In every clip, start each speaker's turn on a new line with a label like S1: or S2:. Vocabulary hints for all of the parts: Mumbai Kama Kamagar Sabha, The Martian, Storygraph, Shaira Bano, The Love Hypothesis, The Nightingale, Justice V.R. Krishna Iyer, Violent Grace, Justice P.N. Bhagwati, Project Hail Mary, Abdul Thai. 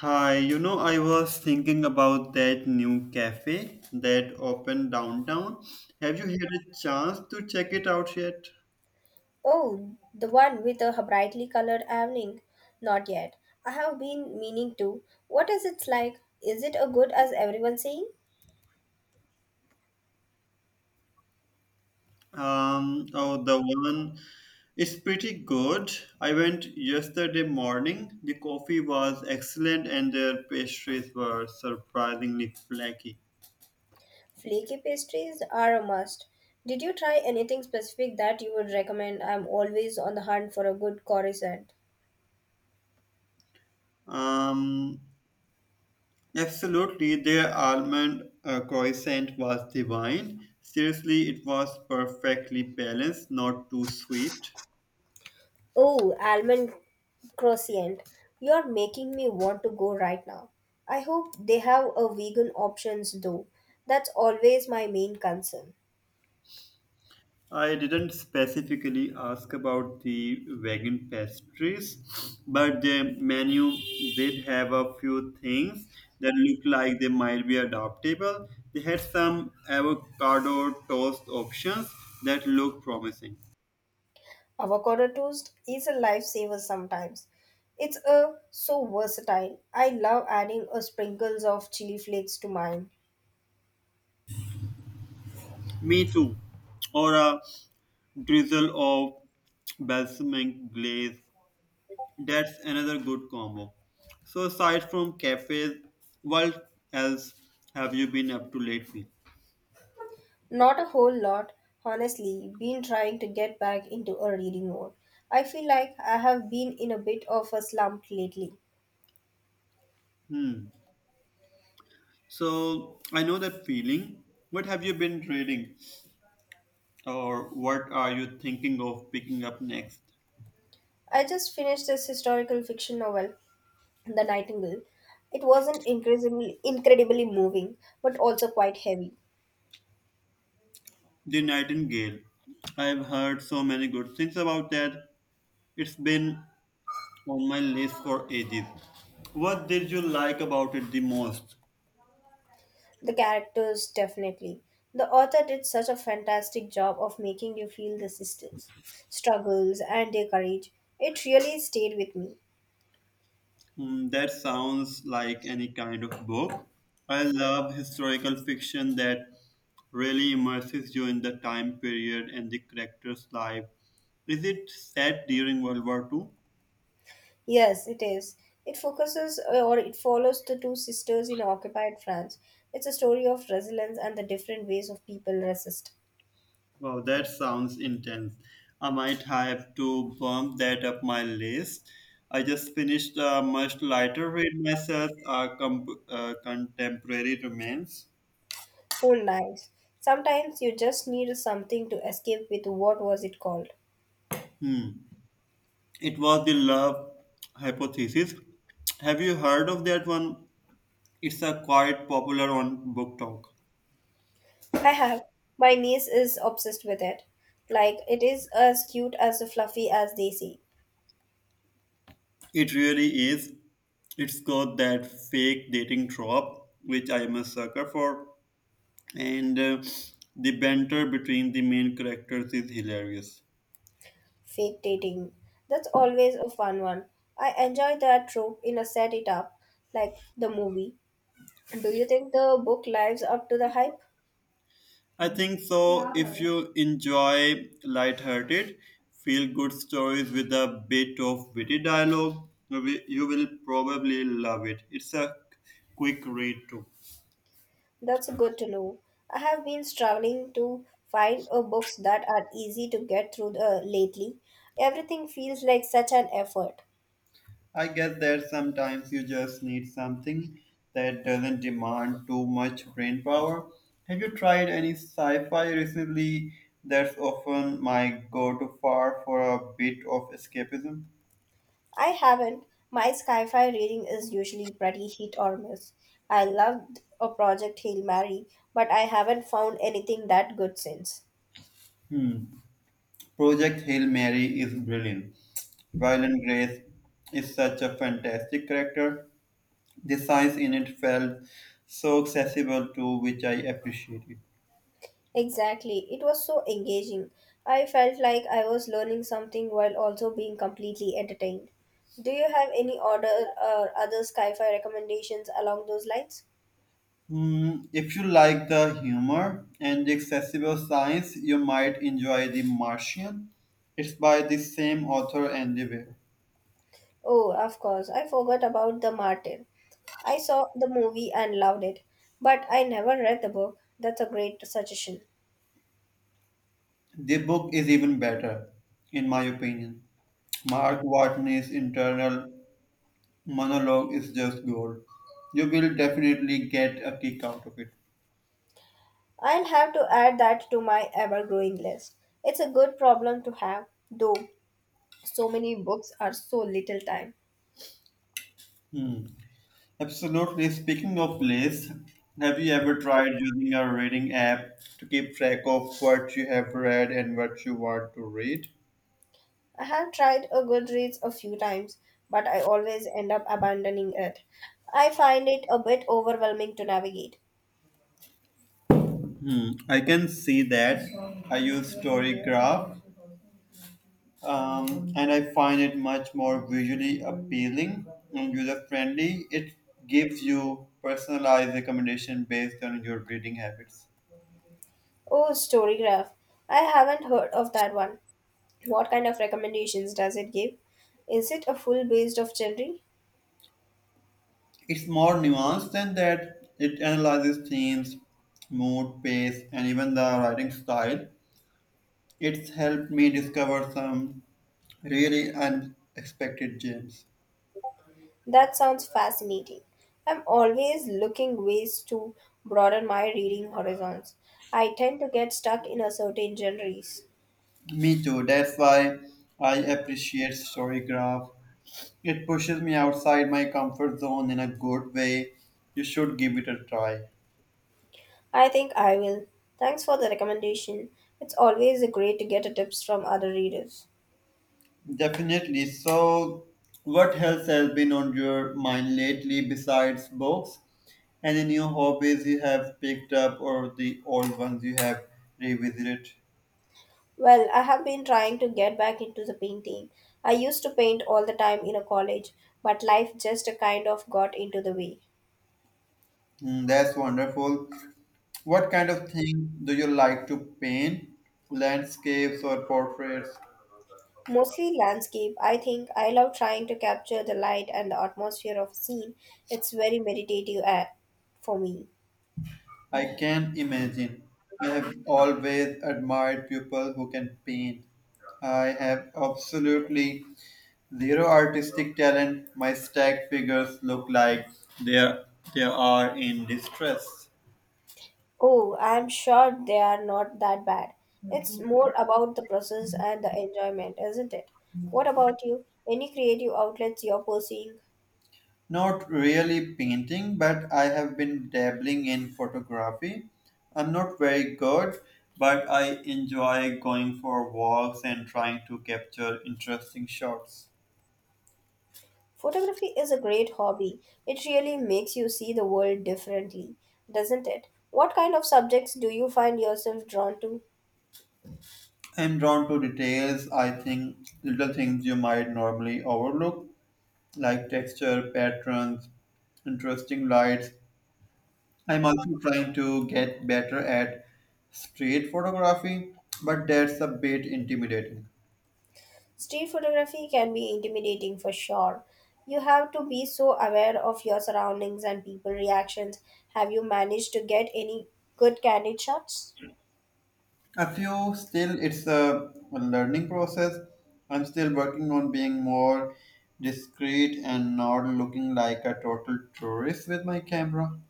S1: Hi, you know, I was thinking about that new cafe that opened downtown. Have you had a chance to check it out yet?
S2: Oh, the one with a brightly colored awning? Not yet. I have been meaning to. What is it like? Is it as good as everyone's saying?
S1: Oh, the one is pretty good. I went yesterday morning. The coffee was excellent and their pastries were surprisingly flaky.
S2: Flaky pastries are a must. Did you try anything specific that you would recommend? I'm always on the hunt for a good croissant.
S1: Um, Absolutely, their almond croissant was divine. Seriously, it was perfectly balanced, not too sweet.
S2: Oh, almond croissant. You're making me want to go right now. I hope they have a vegan options though. That's always my main concern.
S1: I didn't specifically ask about the vegan pastries, but the menu did have a few things that look like they might be adaptable. They had some avocado toast options that look promising.
S2: Avocado toast is a lifesaver sometimes. It's a so versatile. I love adding a sprinkles of chili flakes to mine.
S1: Me too. Or a drizzle of balsamic glaze. That's another good combo. So aside from cafes, what else have you been up to lately?
S2: Not a whole lot, honestly. Been trying to get back into a reading mode. I feel like I have been in a bit of a slump lately.
S1: Hmm. So I know that feeling. What have you been reading, or what are you thinking of picking up next?
S2: I just finished this historical fiction novel, The Nightingale. It wasn't incredibly moving, but also quite heavy.
S1: The Nightingale. I've heard so many good things about that. It's been on my list for ages. What did you like about it the most?
S2: The characters, definitely. The author did such a fantastic job of making you feel the sisters' struggles and their courage. It really stayed with me.
S1: Hmm, that sounds like any kind of book. I love historical fiction that really immerses you in the time period and the character's life. Is it set during World War Two?
S2: Yes, it is. It focuses or it follows the two sisters in occupied France. It's a story of resilience and the different ways of people resist.
S1: Wow, that sounds intense. I might have to bump that up my list. I just finished a much lighter read myself, Contemporary romance.
S2: Oh, nice! Sometimes you just need something to escape with. What was it called?
S1: Hmm. It was the love hypothesis. Have you heard of that one? It's a quite popular on book talk.
S2: I have. My niece is obsessed with it. Like, it is as cute as fluffy as they say.
S1: It really is. It's got that fake dating trope, which I am a sucker for. And the banter between the main characters is hilarious.
S2: Fake dating. That's always a fun one. I enjoy that trope in a set it up, like the movie. Do you think the book lives up to the hype?
S1: I think so. If you enjoy light-hearted, feel-good stories with a bit of witty dialogue, you will probably love it. It's a quick read too.
S2: That's good to know. I have been struggling to find books that are easy to get through lately. Everything feels like such an effort.
S1: I guess that sometimes you just need something that doesn't demand too much brain power. Have you tried any sci fi recently? That's often my go to far for a bit of escapism.
S2: I haven't. My sci fi reading is usually pretty hit or miss. I loved a Project Hail Mary, but I haven't found anything that good since.
S1: Hmm. Project Hail Mary is brilliant. Violent Grace is such a fantastic character. The science in it felt so accessible to which I appreciate it.
S2: Exactly. It was so engaging. I felt like I was learning something while also being completely entertained. Do you have any order or other sci-fi recommendations along those lines?
S1: Hmm, if you like the humor and the accessible science, you might enjoy The Martian. It's by the same author and the way.
S2: Oh, of course. I forgot about The Martyr. I saw the movie and loved it, but I never read the book. That's a great suggestion.
S1: The book is even better, in my opinion. Mark Watney's internal monologue is just gold. You will definitely get a kick out of it.
S2: I'll have to add that to my ever-growing list. It's a good problem to have, though so many books are so little time.
S1: Hmm. Absolutely. Speaking of lists, have you ever tried using a reading app to keep track of what you have read and what you want to read?
S2: I have tried a Goodreads a few times, but I always end up abandoning it. I find it a bit overwhelming to navigate.
S1: Hmm, I can see that. I use Storygraph, and I find it much more visually appealing and user friendly. It gives you personalized recommendation based on your reading habits.
S2: Oh, Storygraph. I haven't heard of that one. What kind of recommendations does it give? Is it a full based of genre?
S1: It's more nuanced than that. It analyzes themes, mood, pace, and even the writing style. It's helped me discover some really unexpected gems.
S2: That sounds fascinating. I'm always looking ways to broaden my reading horizons. I tend to get stuck in a certain genres.
S1: Me too. That's why I appreciate Storygraph. It pushes me outside my comfort zone in a good way. You should give it a try.
S2: I think I will. Thanks for the recommendation. It's always great to get a tips from other readers.
S1: Definitely. So, what else has been on your mind lately besides books? Any new hobbies you have picked up or the old ones you have revisited?
S2: Well, I have been trying to get back into the painting. I used to paint all the time in a college, but life just kind of got into the way.
S1: Mm, that's wonderful. What kind of thing do you like to paint? Landscapes or portraits?
S2: Mostly landscape. I think I love trying to capture the light and the atmosphere of scene. It's very meditative for me.
S1: I can imagine. I have always admired people who can paint. I have absolutely zero artistic talent. My stack figures look like they are, they are in distress.
S2: Oh, I'm sure they are not that bad. It's more about the process and the enjoyment, isn't it? What about you? Any creative outlets you're pursuing?
S1: Not really painting, but I have been dabbling in photography. I'm not very good, but I enjoy going for walks and trying to capture interesting shots.
S2: Photography is a great hobby. It really makes you see the world differently, doesn't it? What kind of subjects do you find yourself drawn to?
S1: I'm drawn to details. I think little things you might normally overlook, like texture, patterns, interesting lights. I'm also trying to get better at street photography, but that's a bit intimidating.
S2: Street photography can be intimidating for sure. You have to be so aware of your surroundings and people reactions. Have you managed to get any good candid shots?
S1: A few still, it's a learning process. I'm still working on being more discreet and not looking like a total tourist with my camera.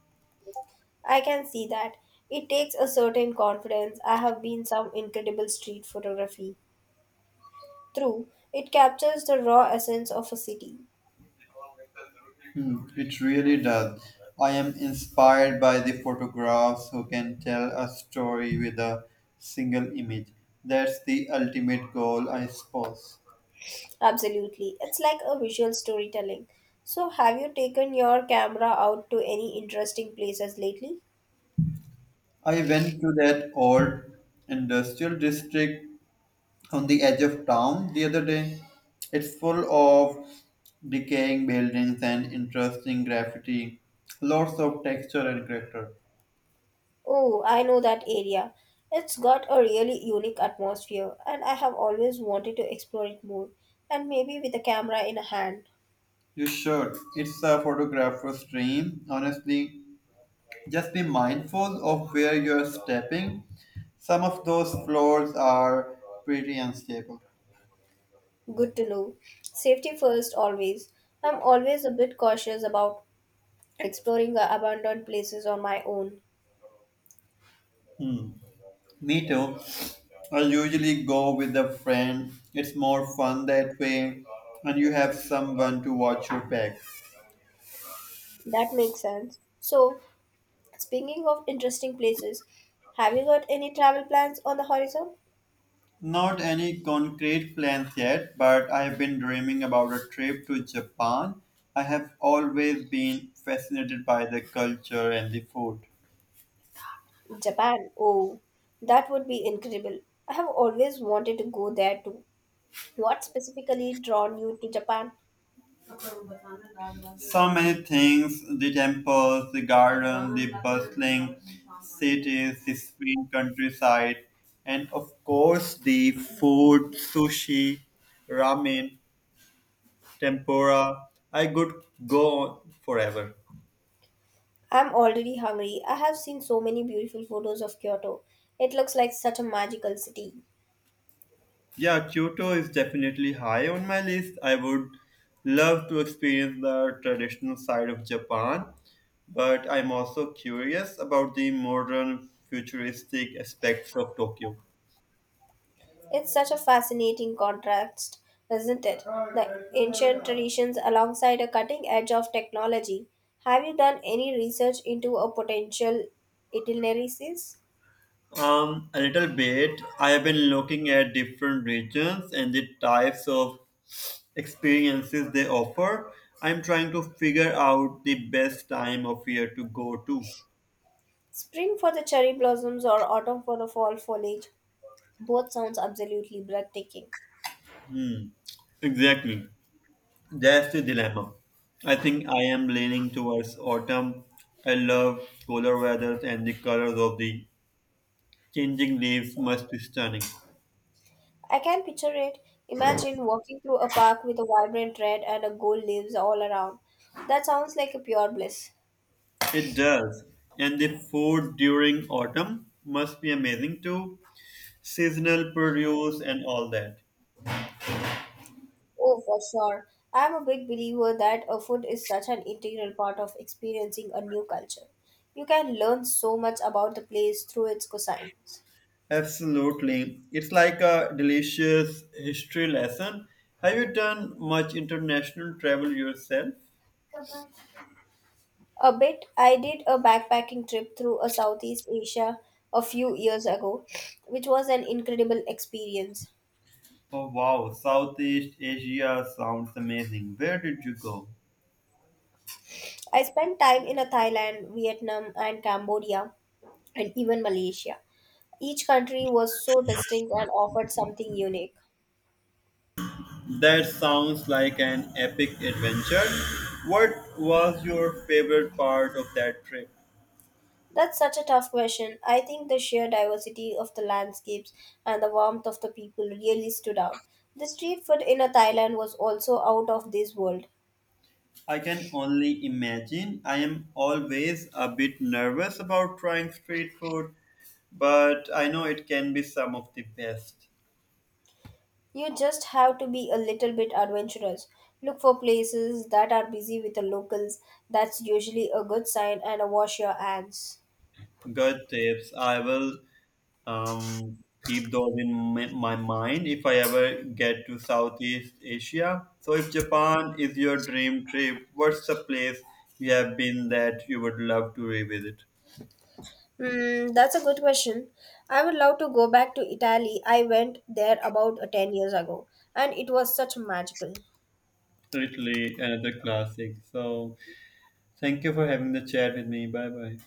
S2: I can see that. It takes a certain confidence. I have been some incredible street photography. True, it captures the raw essence of a city.
S1: Hmm, it really does. I am inspired by the photographs who can tell a story with a single image. That's the ultimate goal, I suppose.
S2: Absolutely. It's like a visual storytelling. So, have you taken your camera out to any interesting places lately?
S1: I went to that old industrial district on the edge of town the other day. It's full of decaying buildings and interesting graffiti, lots of texture and character.
S2: Oh, I know that area. It's got a really unique atmosphere, and I have always wanted to explore it more, and maybe with a camera in a hand.
S1: You should. It's a photographer's dream, honestly. Just be mindful of where you're stepping. Some of those floors are pretty unstable.
S2: Good to know. Safety first, always. I'm always a bit cautious about exploring the abandoned places on my own.
S1: Hmm. Me too. I usually go with a friend. It's more fun that way, and you have someone to watch your back.
S2: That makes sense. So, speaking of interesting places, have you got any travel plans on the horizon?
S1: Not any concrete plans yet, but I have been dreaming about a trip to Japan. I have always been fascinated by the culture and the food.
S2: Japan. Oh, that would be incredible. I have always wanted to go there too. What specifically drawn you to Japan?
S1: So many things the temples, the garden, the bustling cities, the serene countryside, and of course the food sushi, ramen, tempura. I could go on forever.
S2: I'm already hungry. I have seen so many beautiful photos of Kyoto. It looks like such a magical city.
S1: Yeah, Kyoto is definitely high on my list. I would love to experience the traditional side of Japan, but I'm also curious about the modern futuristic aspects of Tokyo.
S2: It's such a fascinating contrast, isn't it? The ancient traditions alongside a cutting edge of technology. Have you done any research into a potential itineraries?
S1: A little bit. I have been looking at different regions and the types of experiences they offer. I'm trying to figure out the best time of year to go to.
S2: Spring for the cherry blossoms or autumn for the fall foliage. Both sounds absolutely breathtaking.
S1: Hmm. Exactly. That's the dilemma. I think I am leaning towards autumn. I love cooler weather and the colors of the changing leaves must be stunning.
S2: I can picture it. Imagine walking through a park with a vibrant red and a gold leaves all around. That sounds like a pure bliss.
S1: It does. And the food during autumn must be amazing too. Seasonal produce and all that.
S2: Oh, for sure. I'm a big believer that a food is such an integral part of experiencing a new culture. You can learn so much about the place through its cuisines.
S1: Absolutely. It's like a delicious history lesson. Have you done much international travel yourself?
S2: A bit, I did a backpacking trip through a Southeast Asia a few years ago, which was an incredible experience.
S1: Oh wow, Southeast Asia sounds amazing. Where did you go?
S2: I spent time in a Thailand, Vietnam, and Cambodia, and even Malaysia. Each country was so distinct and offered something unique.
S1: That sounds like an epic adventure. What was your favorite part of that trip?
S2: That's such a tough question. I think the sheer diversity of the landscapes and the warmth of the people really stood out. The street food in a Thailand was also out of this world.
S1: I can only imagine. I am always a bit nervous about trying street food, but I know it can be some of the best.
S2: You just have to be a little bit adventurous. Look for places that are busy with the locals. That's usually a good sign and a wash your hands.
S1: Good tips. I will keep those in my mind if I ever get to Southeast Asia. So, if Japan is your dream trip, what's the place you have been that you would love to revisit?
S2: Hmm, that's a good question. I would love to go back to Italy. I went there about 10 years ago and it was such magical.
S1: Italy, another classic. So, thank you for having the chat with me. Bye bye.